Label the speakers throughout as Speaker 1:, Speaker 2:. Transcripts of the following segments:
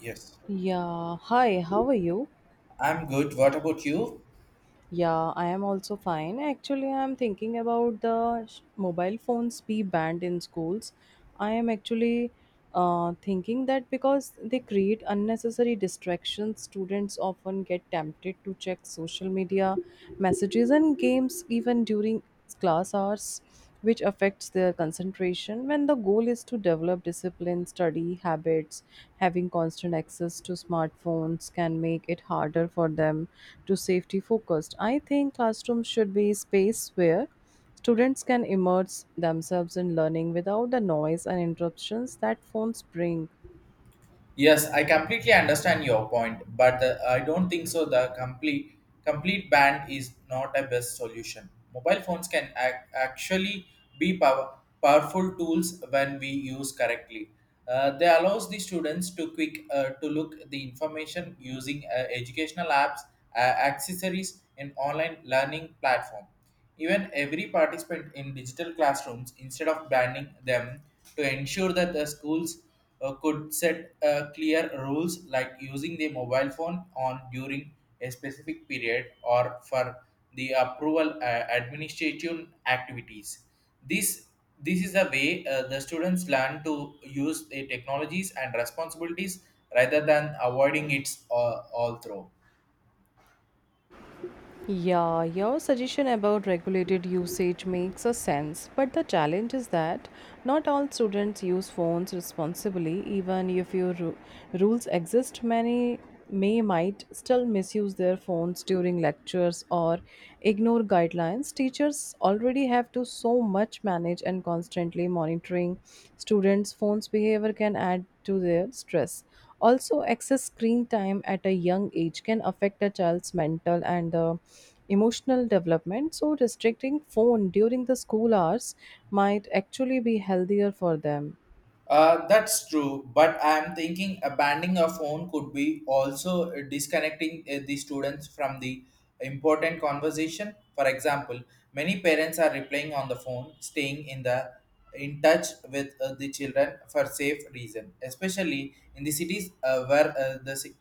Speaker 1: Yes,
Speaker 2: Yeah, hi, how are you?
Speaker 1: I'm good. What about you?
Speaker 2: Yeah, I am also fine. Actually, I am thinking about mobile phones be banned in schools. I am actually thinking that because they create unnecessary distractions, students often get tempted to check social media, messages, and games even during class hours, which affects their concentration. When the goal is to develop discipline, study habits, having constant access to smartphones can make it harder for them to safety focused. I think classrooms should be a space where students can immerse themselves in learning without the noise and interruptions that phones bring.
Speaker 1: Yes, I completely understand your point, but I don't think so. The complete ban is not a best solution. Mobile phones can actually be powerful tools when we use correctly. They allows the students to quick to look the information using educational apps, accessories, and online learning platform. Even every participant in digital classrooms, instead of banning them, to ensure that the schools could set clear rules like using the mobile phone on during a specific period or for the approval administrative activities. This this is the way the students learn to use the technologies and responsibilities rather than avoiding it all through.
Speaker 2: Yeah, your suggestion about regulated usage makes a sense, but the challenge is that not all students use phones responsibly. Even if rules exist, many may might still misuse their phones during lectures or ignore guidelines. Teachers already have to so much manage and constantly monitoring students' phones behavior can add to their stress. Also, excess screen time at a young age can affect a child's mental and emotional development. So, restricting phone during the school hours might actually be healthier for them.
Speaker 1: That's true, but I'm thinking abandoning a phone could be also disconnecting the students from the important conversation. For example, many parents are replying on the phone, staying in the in touch with the children for safe reason, especially in the cities where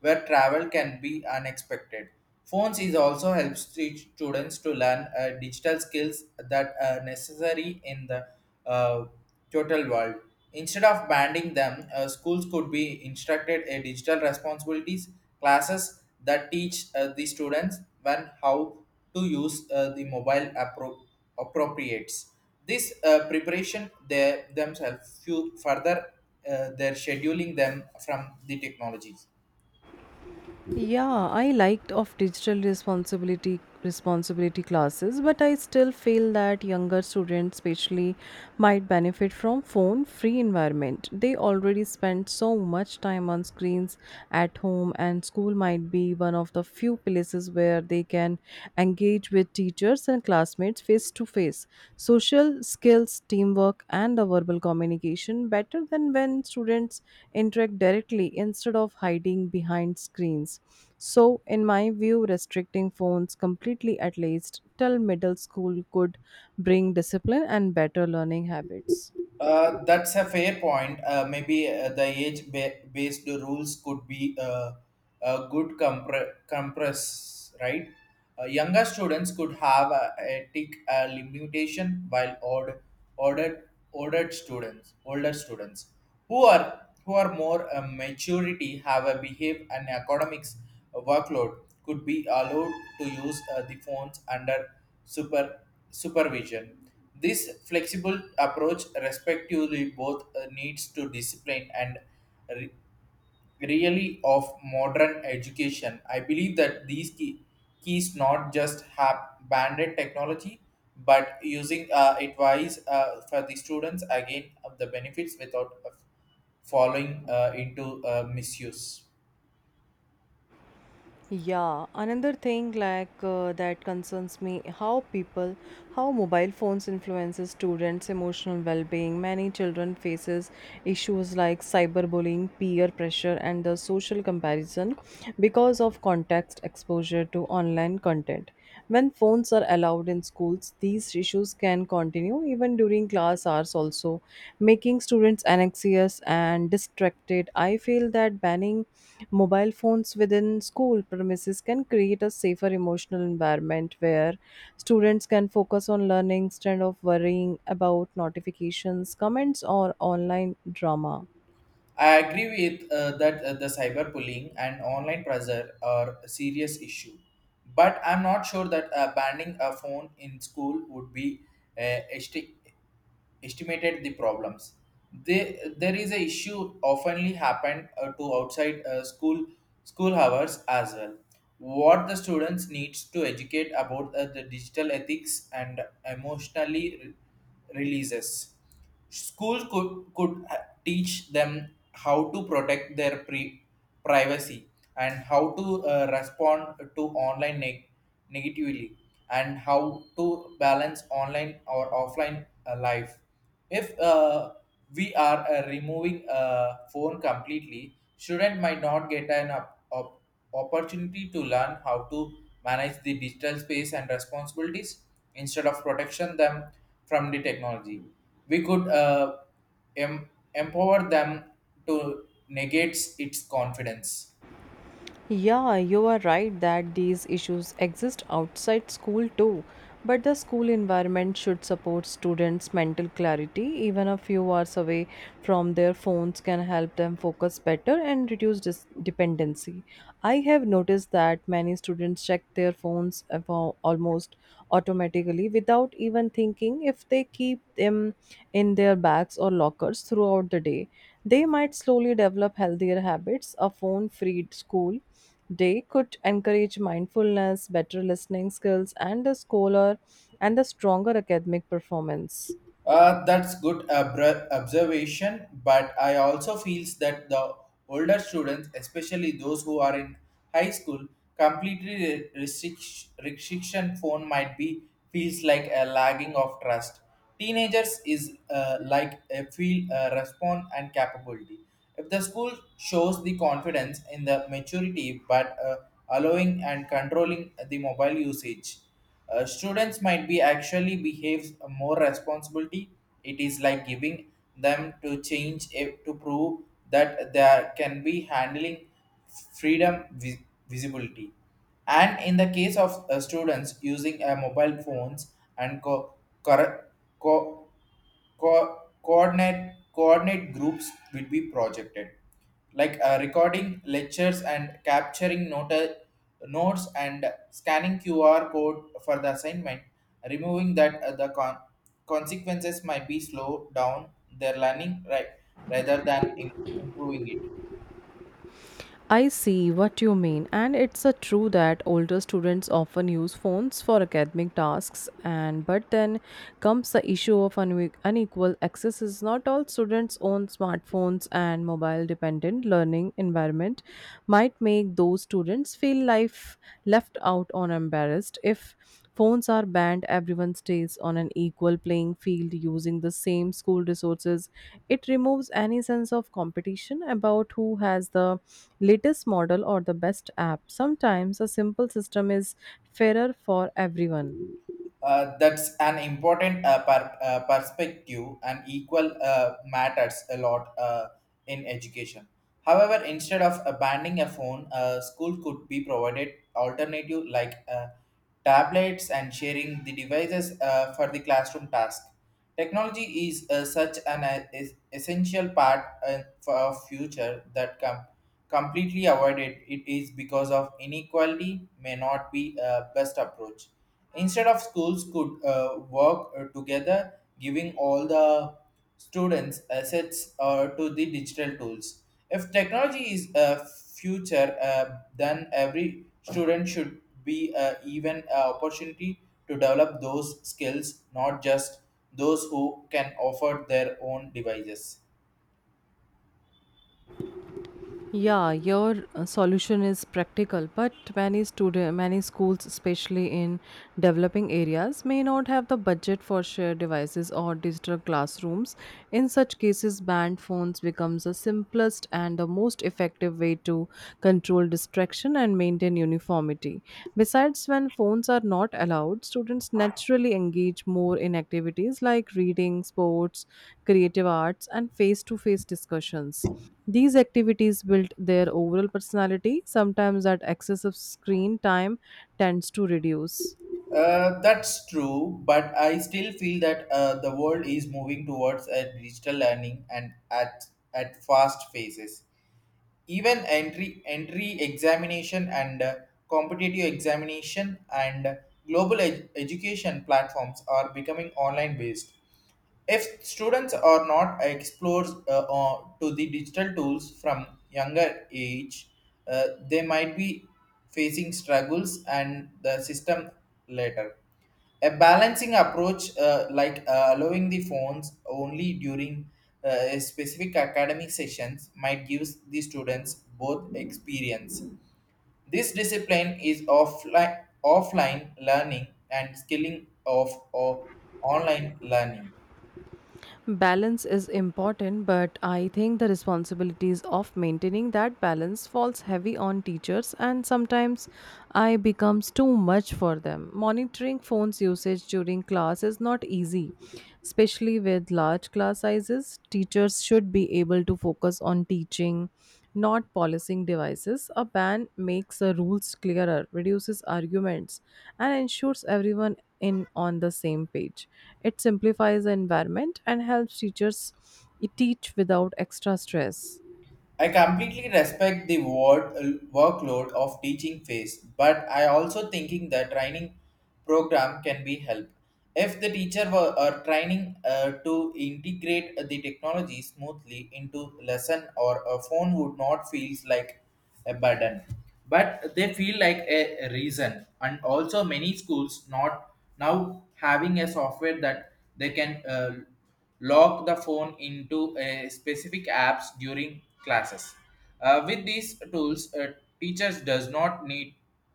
Speaker 1: where travel can be unexpected. Phones is also helps the students to learn digital skills that are necessary in the uh, total world. Instead of banning them, schools could be instructed a digital responsibilities classes that teach the students when how to use the mobile appropriates. This preparation they themselves few further their scheduling them from the technologies.
Speaker 2: Yeah, I liked of digital responsibility classes, but I still feel that younger students especially might benefit from phone free environment. They already spend so much time on screens at home and school might be one of the few places where they can engage with teachers and classmates face to face. Social skills, teamwork, and the verbal communication better than when students interact directly instead of hiding behind screens. So, in my view, restricting phones completely at least till middle school could bring discipline and better learning habits.
Speaker 1: That's a fair point. Maybe the age-based rules could be a good compress, right? Younger students could have a ethic limitation, while older students who are more maturity have a behave and academics workload could be allowed to use the phones under super supervision. This flexible approach respectively both needs to discipline and re- really of modern education. I believe that keys not just have banded technology, but using advice for the students again of the benefits without falling into misuse.
Speaker 2: Yeah, another thing that concerns me how people how mobile phones influences students emotional well-being. Many children faces issues like cyberbullying, peer pressure and the social comparison because of context exposure to online content. When phones are allowed in schools, these issues can continue even during class hours also making students anxious and distracted. I feel that banning mobile phones within school premises can create a safer emotional environment where students can focus on learning instead of worrying about notifications, comments, or online drama.
Speaker 1: I agree with that the cyberbullying and online pressure are a serious issue, but I'm not sure that banning a phone in school would be uh, esti- estimated the problems. There is a issue oftenly happen to outside school hours as well. What the students needs to educate about the digital ethics and emotionally releases. Could teach them how to protect their privacy and how to respond to online negatively and how to balance online or offline life. If we are removing a phone completely, student might not get an op- op- opportunity to learn how to manage the digital space and responsibilities instead of protection them from the technology. We could em- empower them to negate its confidence.
Speaker 2: Yeah, you are right that these issues exist outside school too, but the school environment should support students' mental clarity. Even a few hours away from their phones can help them focus better and reduce dependency. I have noticed that many students check their phones about almost automatically without even thinking. If they keep them in their bags or lockers throughout the day, they might slowly develop healthier habits. A phone free school day could encourage mindfulness, better listening skills, and a scholar and a stronger academic performance.
Speaker 1: That's good observation, but I also feels that the older students, especially those who are in high school, completely restriction phone might be feels like a lagging of trust. Teenagers is like a feel respond and capability. If the school shows the confidence in the maturity, but allowing and controlling the mobile usage, students might be actually behaves more responsibility. It is like giving them to change it to prove that they can be handling freedom visibility. And in the case of students using mobile phones and corre- co- coordinate groups will be projected like recording lectures and capturing notes and scanning QR code for the assignment, removing that the consequences might be slow down their learning, rather than improving it.
Speaker 2: I see what you mean, and it's a true that older students often use phones for academic tasks, and but then comes the issue of unequal access. Is not all students own smartphones, and mobile-dependent learning environment might make those students feel life left out or embarrassed. If phones are banned, everyone stays on an equal playing field using the same school resources. It removes any sense of competition about who has the latest model or the best app. Sometimes a simple system is fairer for everyone.
Speaker 1: That's an important perspective, and equal matters a lot in education. However, instead of banning a phone, school could be provided alternative like tablets and sharing the devices for the classroom task. Technology is such an is essential part for our future that completely avoided it is because of inequality may not be a best approach. Instead of schools could work together, giving all the students assets to the digital tools. If technology is a future, then every student should be even an opportunity to develop those skills, not just those who can offer their own devices.
Speaker 2: Yeah, your solution is practical, but many schools, especially in developing areas, may not have the budget for shared devices or digital classrooms. In such cases, banned phones becomes the simplest and the most effective way to control distraction and maintain uniformity. Besides, when phones are not allowed, students naturally engage more in activities like reading, sports, creative arts, and face-to-face discussions. These activities build their overall personality. Sometimes that excessive screen time tends to reduce.
Speaker 1: That's true, but I still feel that the world is moving towards a digital learning and at fast phases. Even entry examination and competitive examination and global education platforms are becoming online based. If students are not exposed to the digital tools from younger age, they might be facing struggles and the system later. A balancing approach, like allowing the phones only during a specific academic sessions, might give the students both experience. This discipline is offline learning and skilling of online learning.
Speaker 2: Balance is important, but I think the responsibilities of maintaining that balance falls heavy on teachers and sometimes I becomes too much for them. Monitoring phones usage during class is not easy, especially with large class sizes. Teachers should be able to focus on teaching, not policing devices. A ban makes the rules clearer, reduces arguments, and ensures everyone in on the same page. It simplifies the environment and helps teachers teach without extra stress.
Speaker 1: I completely respect the workload of teaching phase, but I also thinking the training program can be help. If the teacher were are training to integrate the technology smoothly into lesson or a phone would not feels like a burden, but they feel like a reason. And also many schools not now having a software that they can lock the phone into a specific apps during classes. With these tools, teachers does not need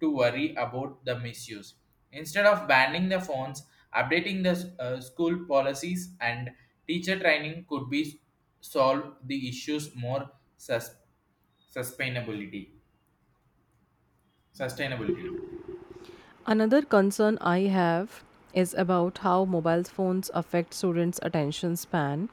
Speaker 1: to worry about the misuse. Instead of banning the phones, updating the school policies and teacher training could be solve the issues more sus- sustainability sustainability.
Speaker 2: Another concern I have is about how mobile phones affect students' attention span.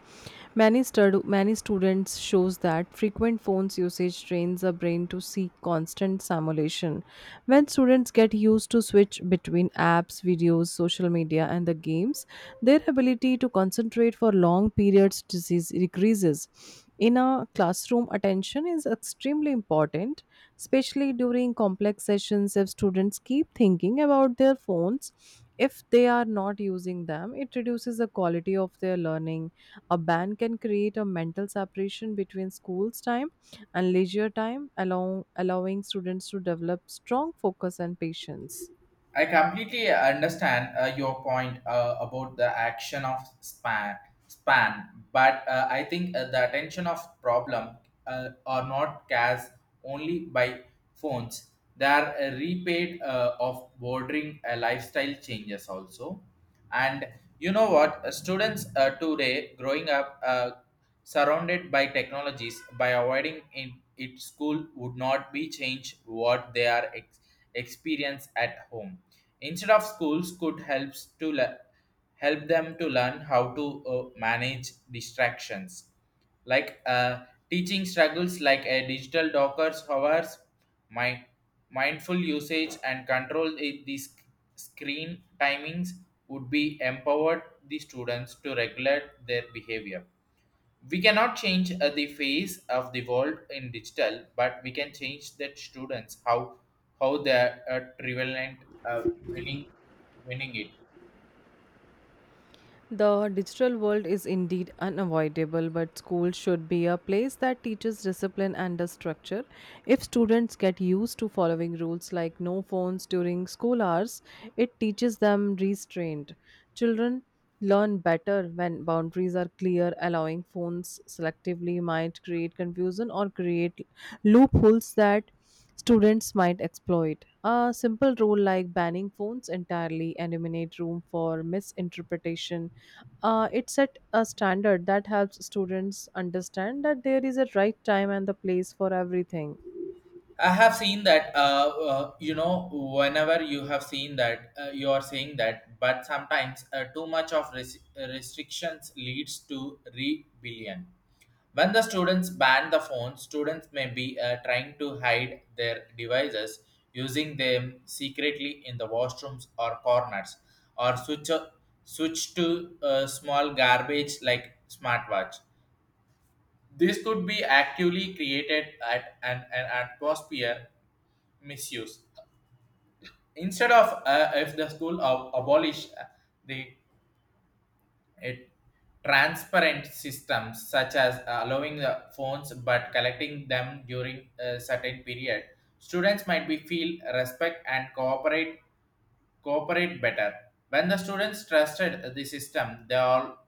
Speaker 2: Many students shows that frequent phones usage trains the brain to seek constant stimulation. When students get used to switch between apps, videos, social media, and the games, their ability to concentrate for long periods disease decreases. In a classroom, attention is extremely important, especially during complex sessions. If students keep thinking about their phones if they are not using them, it reduces the quality of their learning. A ban can create a mental separation between school's time and leisure time, allowing students to develop strong focus and patience.
Speaker 1: I completely understand your point about the action of span, but I think the attention of problem are not cast only by phones. They are repaid of bordering lifestyle changes also. And you know what students today growing up surrounded by technologies. By avoiding in it, school would not be changed what they are experience at home. Instead of schools could helps to help them to learn how to manage distractions like teaching struggles like a digital dockers hours. My Mindful usage and control screen timings would be empowered the students to regulate their behavior. We cannot change the face of the world in digital, but we can change that students how they are prevalent, uh, winning winning it.
Speaker 2: The digital world is indeed unavoidable, but school should be a place that teaches discipline and a structure. If students get used to following rules like no phones during school hours, it teaches them restraint. Children learn better when boundaries are clear. Allowing phones selectively might create confusion or create loopholes that students might exploit. A simple rule like banning phones entirely and eliminate room for misinterpretation. It set a standard that helps students understand that there is a right time and the place for everything.
Speaker 1: I have seen that, whenever you have seen that, you are saying that, but sometimes too much of restrictions leads to rebellion. When the students ban the phone, students may be trying to hide their devices, using them secretly in the washrooms or corners, or switch to small garbage like smartwatch. This could be actively created at an atmosphere misuse. Instead of if the school abolish the it, transparent systems such as allowing the phones but collecting them during a certain period, students might be feel respect and cooperate better. When the students trusted the system, they all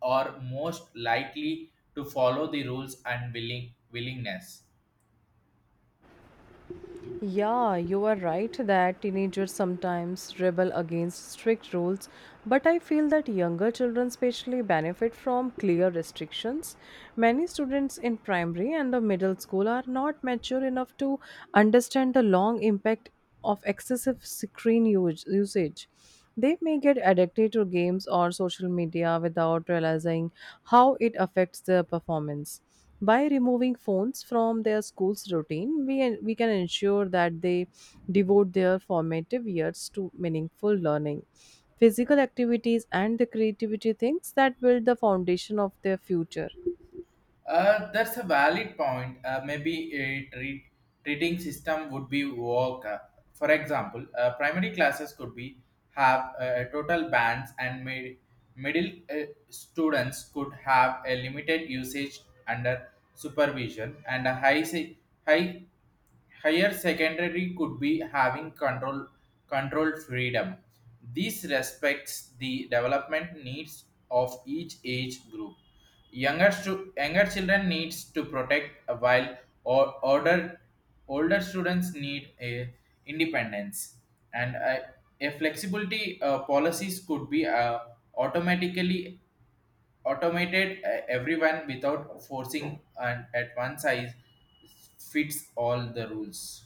Speaker 1: are most likely to follow the rules and willingness.
Speaker 2: Yeah, you are right that teenagers sometimes rebel against strict rules, but I feel that younger children especially benefit from clear restrictions. Many students in primary and the middle school are not mature enough to understand the long impact of excessive screen usage. They may get addicted to games or social media without realizing how it affects their performance. By removing phones from their school's routine, we can ensure that they devote their formative years to meaningful learning, physical activities, and the creativity things that build the foundation of their future.
Speaker 1: That's a valid point. Maybe treating system would be work. For example, primary classes could be have total bans, and middle students could have a limited usage under supervision, and a high higher secondary could be having controlled freedom. This respects the development needs of each age group. Younger children needs to protect, while or older students need a independence and a flexibility. Policies could be automatically automated everyone without forcing and at one size fits all the rules.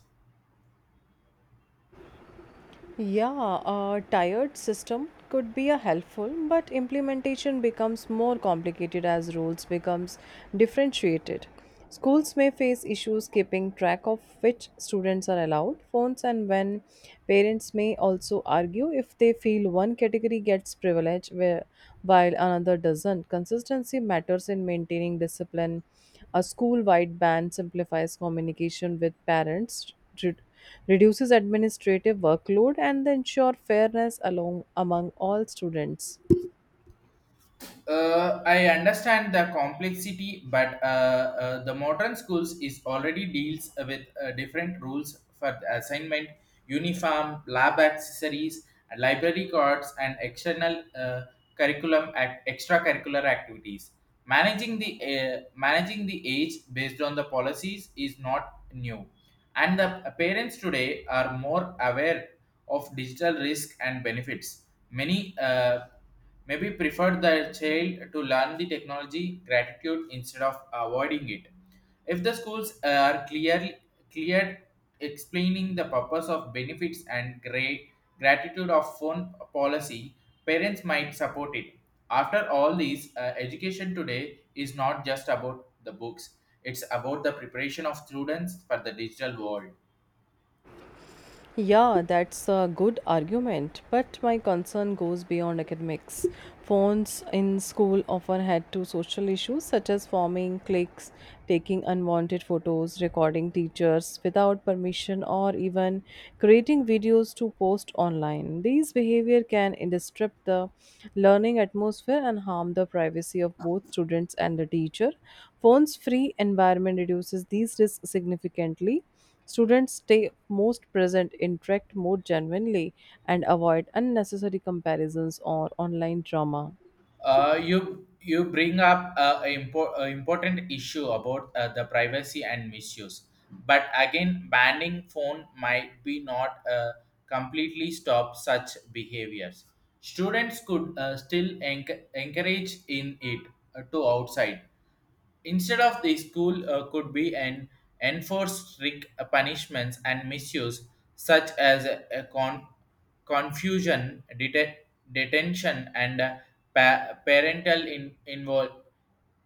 Speaker 2: Yeah, a tired system could be a helpful, but implementation becomes more complicated as rules becomes differentiated. Schools may face issues keeping track of which students are allowed phones and when. Parents may also argue if they feel one category gets privilege where, while another doesn't. Consistency matters in maintaining discipline. A school-wide ban simplifies communication with parents, reduces administrative workload, and ensure fairness along among all students.
Speaker 1: I understand the complexity, but the modern schools is already deals with different rules for the assignment uniform, lab accessories, library cards, and external extracurricular activities. Managing the age based on the policies is not new, and the parents today are more aware of digital risk and benefits. Many maybe prefer their child to learn the technology gratitude instead of avoiding it. If the schools are clearly cleared explaining the purpose of benefits and great gratitude of phone policy, parents might support it. After all these, education today is not just about the books; it's about the preparation of students for the digital world.
Speaker 2: Yeah, that's a good argument, but my concern goes beyond academics. Phones in school often had to social issues such as forming cliques, taking unwanted photos, recording teachers without permission, or even creating videos to post online. These behavior can disrupt the learning atmosphere and harm the privacy of both students and the teacher. Phones free environment reduces these risks significantly. Students stay most present, interact more genuinely, and avoid unnecessary comparisons or online drama.
Speaker 1: You bring up a important issue about the privacy and misuse, but again, banning phone might be not completely stop such behaviors. Students could still encourage in it to outside. Instead of the school could be an enforced strict punishments and misuse, such as confusion, detention, and parental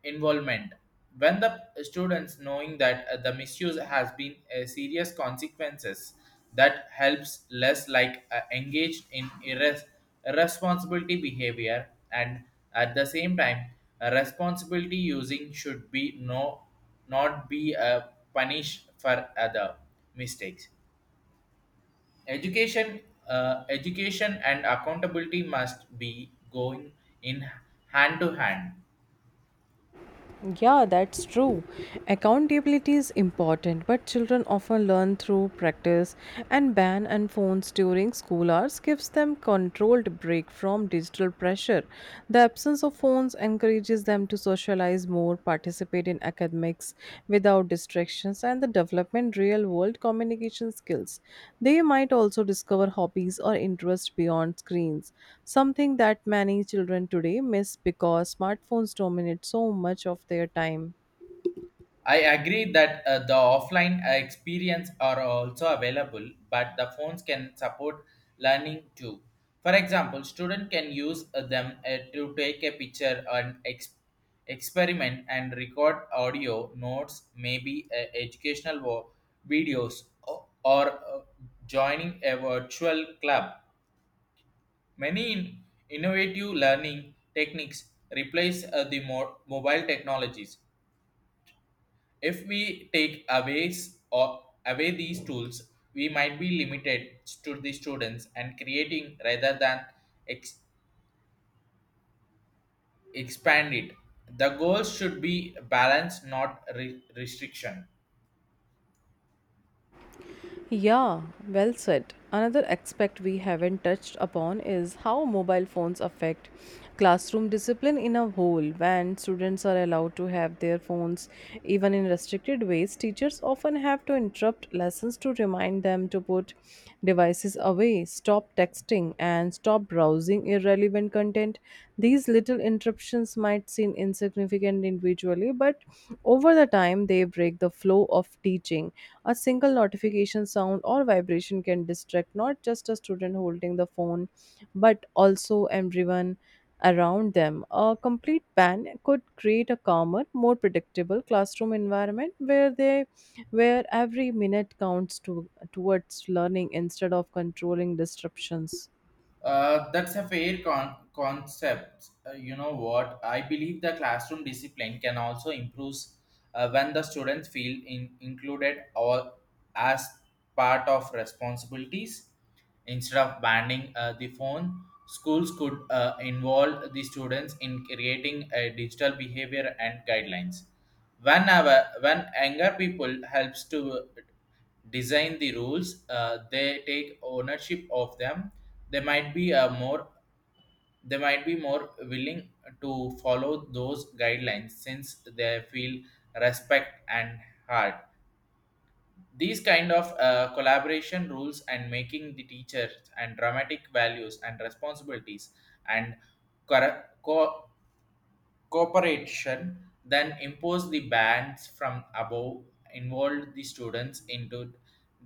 Speaker 1: involvement. When the students knowing that the misuse has been serious consequences, that helps less like engaged in irres responsibility behavior, and at the same time a responsibility using should be not be a punish for other mistakes. education Education and accountability must be going in hand to hand.
Speaker 2: Yeah, that's true. Accountability is important, but children often learn through practice, and ban and phones during school hours gives them controlled break from digital pressure. The absence of phones encourages them to socialize more, participate in academics without distractions and the development real world communication skills. They might also discover hobbies or interests beyond screens, something that many children today miss because smartphones dominate so much of their time.
Speaker 1: I agree that the offline experience are also available, but the phones can support learning too. For example, student can use them to take a picture and experiment and record audio notes, maybe educational videos or joining a virtual club. Many in- Innovative learning techniques replace the mobile technologies. If we take aways or away these tools, we might be limited to the students and creating rather than ex- expand it. The goals should be balance, not restriction.
Speaker 2: Yeah, well said. Another aspect we haven't touched upon is how mobile phones affect classroom discipline in a whole. When students are allowed to have their phones even in restricted ways, teachers often have to interrupt lessons to remind them to put devices away, stop texting, and stop browsing irrelevant content. These little interruptions might seem insignificant significant individually, but over the time they break the flow of teaching. A single notification sound or vibration can distract not just a student holding the phone, but also everyone around them. A complete ban could create a calmer, more predictable classroom environment where every minute counts towards learning instead of controlling disruptions.
Speaker 1: That's a fair concept. You know what? I believe the classroom discipline can also improve when the students feel included or as part of responsibilities. Instead of banning the phone, schools could involve the students in creating a digital behavior and guidelines. Whenever when younger people helps to design the rules, they take ownership of them. they might be uh, more they might be more willing to follow those guidelines since they feel respect and heart these kind of collaboration rules, and making the teachers and dramatic values and responsibilities and cor- co- cooperation then imposed the bans from above. Involved the students into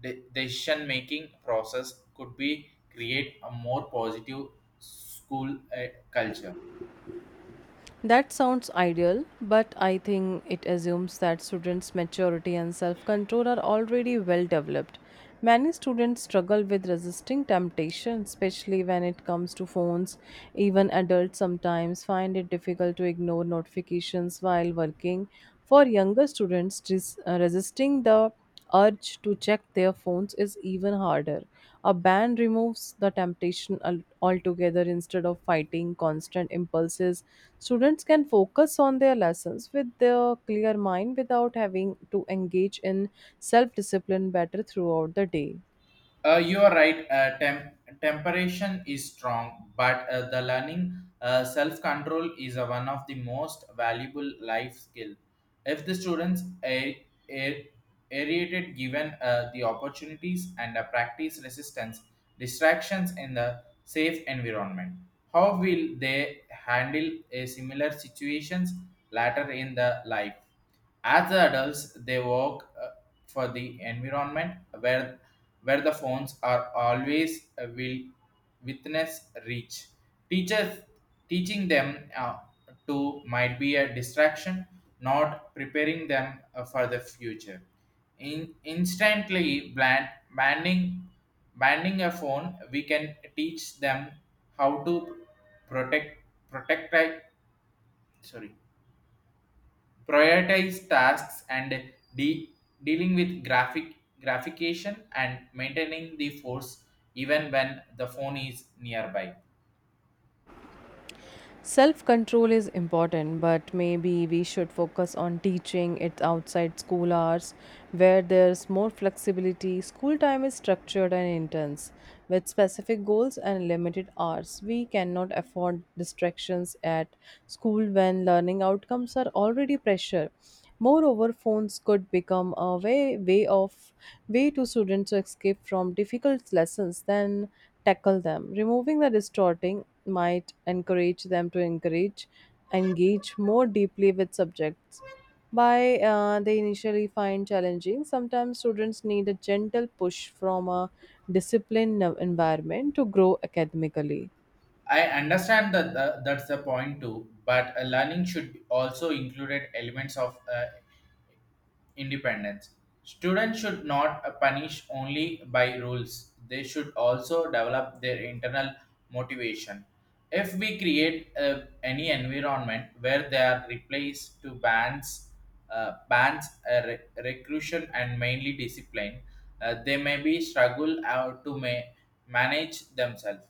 Speaker 1: the decision making process could be create a more positive school culture.
Speaker 2: That sounds ideal, but I think it assumes that students' maturity and self control are already well developed. Many students struggle with resisting temptation, especially when it comes to phones. Even adults sometimes find it difficult to ignore notifications while working. For younger students, resisting the urge to check their phones is even harder. A ban removes the temptation altogether instead of fighting constant impulses. Students can focus on their lessons with their clear mind without having to engage in self discipline better throughout the day.
Speaker 1: You are right. Temperation is strong, but the learning self control is one of the most valuable life skill. If the students are aerated given the opportunities and practice resistance distractions in the safe environment, how will they handle a similar situations later in the life? As the adults, they work for the environment where the phones are always will witness reach. Teachers Teaching them to might be a distraction, not preparing them for the future. In instantly bland, banning banning a phone, we can teach them how to protect protect sorry prioritize tasks and dealing with graphication and maintaining the force even when the phone is nearby.
Speaker 2: Self control is important, but maybe we should focus on teaching it outside school hours where there's more flexibility. School time is structured and intense with specific goals and limited hours. We cannot afford distractions at school when learning outcomes are already pressure. Moreover, phones could become a way to students to escape from difficult lessons than tackle them. Removing the distorting might encourage them to encourage engage more deeply with subjects. By They initially find challenging, sometimes students need a gentle push from a disciplined environment to grow academically.
Speaker 1: I understand that's the point too, but learning should also include elements of independence. Students should not punish only by rules; they should also develop their internal motivation. If we create any environment where they are replaced to bans, recruitment, and mainly discipline, they may be struggle out to manage themselves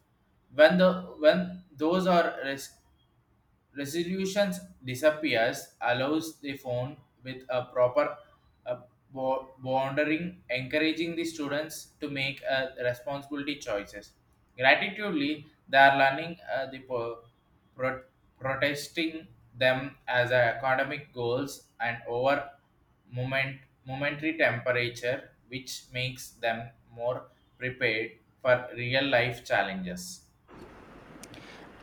Speaker 1: when the when those are resolutions disappears allows the phone with a proper uh, bordering encouraging the students to make responsibility choices gratitudely. They are learning pro- protesting them as a academic goals and over moment momentary temperature, which makes them more prepared for real life challenges.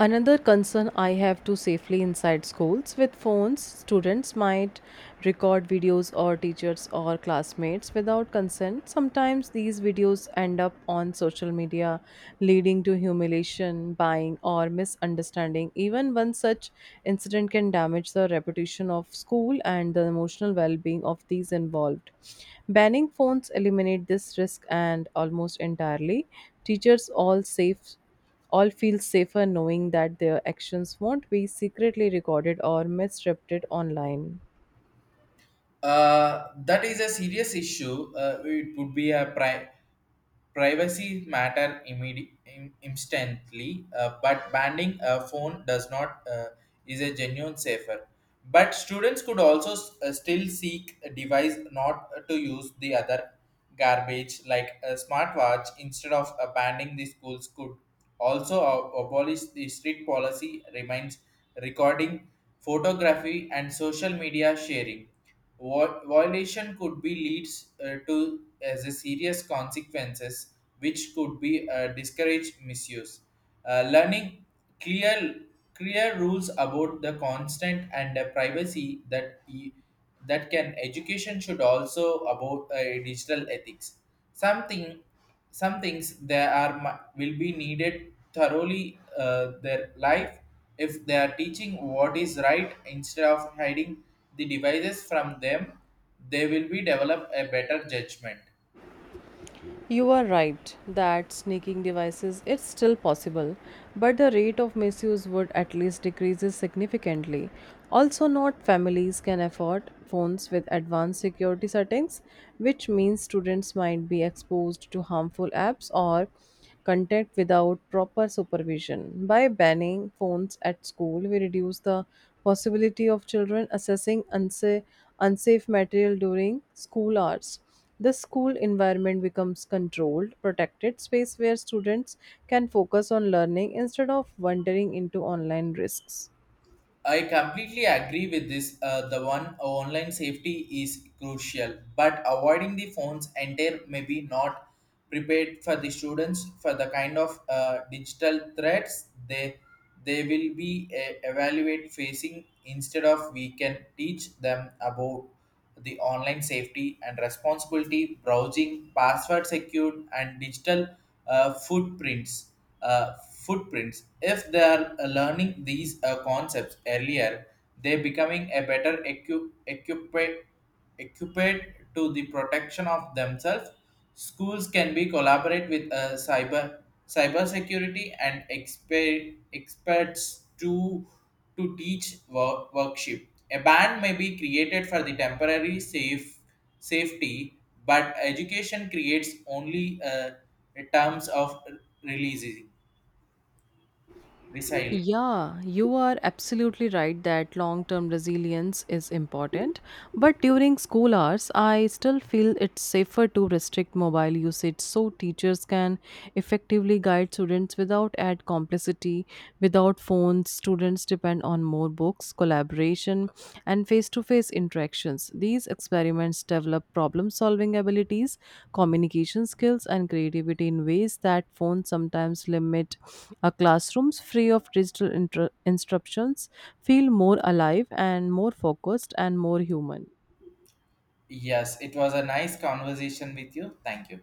Speaker 2: Another concern I have to safely inside schools with phones, students might record videos or teachers or classmates without consent. Sometimes these videos end up on social media, leading to humiliation, buying, or misunderstanding. Even one such incident can damage the reputation of school and the emotional well being of these involved. Banning phones eliminate this risk and almost entirely. Teachers all feel safer knowing that their actions won't be secretly recorded or misrepresented online.
Speaker 1: That is a serious issue. It would be a privacy matter instantly, but banning a phone does not is a genuine safer. But students could also still seek a device not to use the other garbage like a smartwatch. Instead of banning, the schools could also abolish the strict policy remains recording, photography, and social media sharing. Violation could be leads to as a serious consequences, which could be discourage misuse. Learning clear clear rules about the constant and the privacy that can education should also about digital ethics. Something some things there are will be needed thoroughly their life. If they are teaching what is right instead of hiding the devices from them, they will be develop a better judgment.
Speaker 2: You are right that sneaking devices is still possible, but the rate of misuse would at least decreases significantly. Also, not families can afford phones with advanced security settings, which means students might be exposed to harmful apps or content without proper supervision. By banning phones at school, we reduce the possibility of children accessing unsafe material during school hours. The school environment becomes controlled, protected space where students can focus on learning instead of wandering into online risks.
Speaker 1: I completely agree with this. The one online safety is crucial, but avoiding the phones entire may be not prepared for the students for the kind of digital threats they they will be evaluate facing. Instead of, we can teach them about the online safety and responsibility, browsing, password secured, and digital footprints. Uh, If they are learning these concepts earlier, they becoming a better equipped equipped to the protection of themselves. Schools can be collaborate with cybersecurity and experts to teach workship. A ban may be created for the temporary safe safety, but education creates only terms of releasing. Resilient.
Speaker 2: Yeah, you are absolutely right that long term resilience is important. But during school hours, I still feel it's safer to restrict mobile usage so teachers can effectively guide students without add complicity. Without phones, students depend on more books, collaboration, and face to face interactions. These experiments develop problem solving abilities, communication skills, and creativity in ways that phones sometimes limit. Our classrooms, free of digital instructions, feel more alive and more focused and more human.
Speaker 1: Yes, it was a nice conversation with you. Thank you.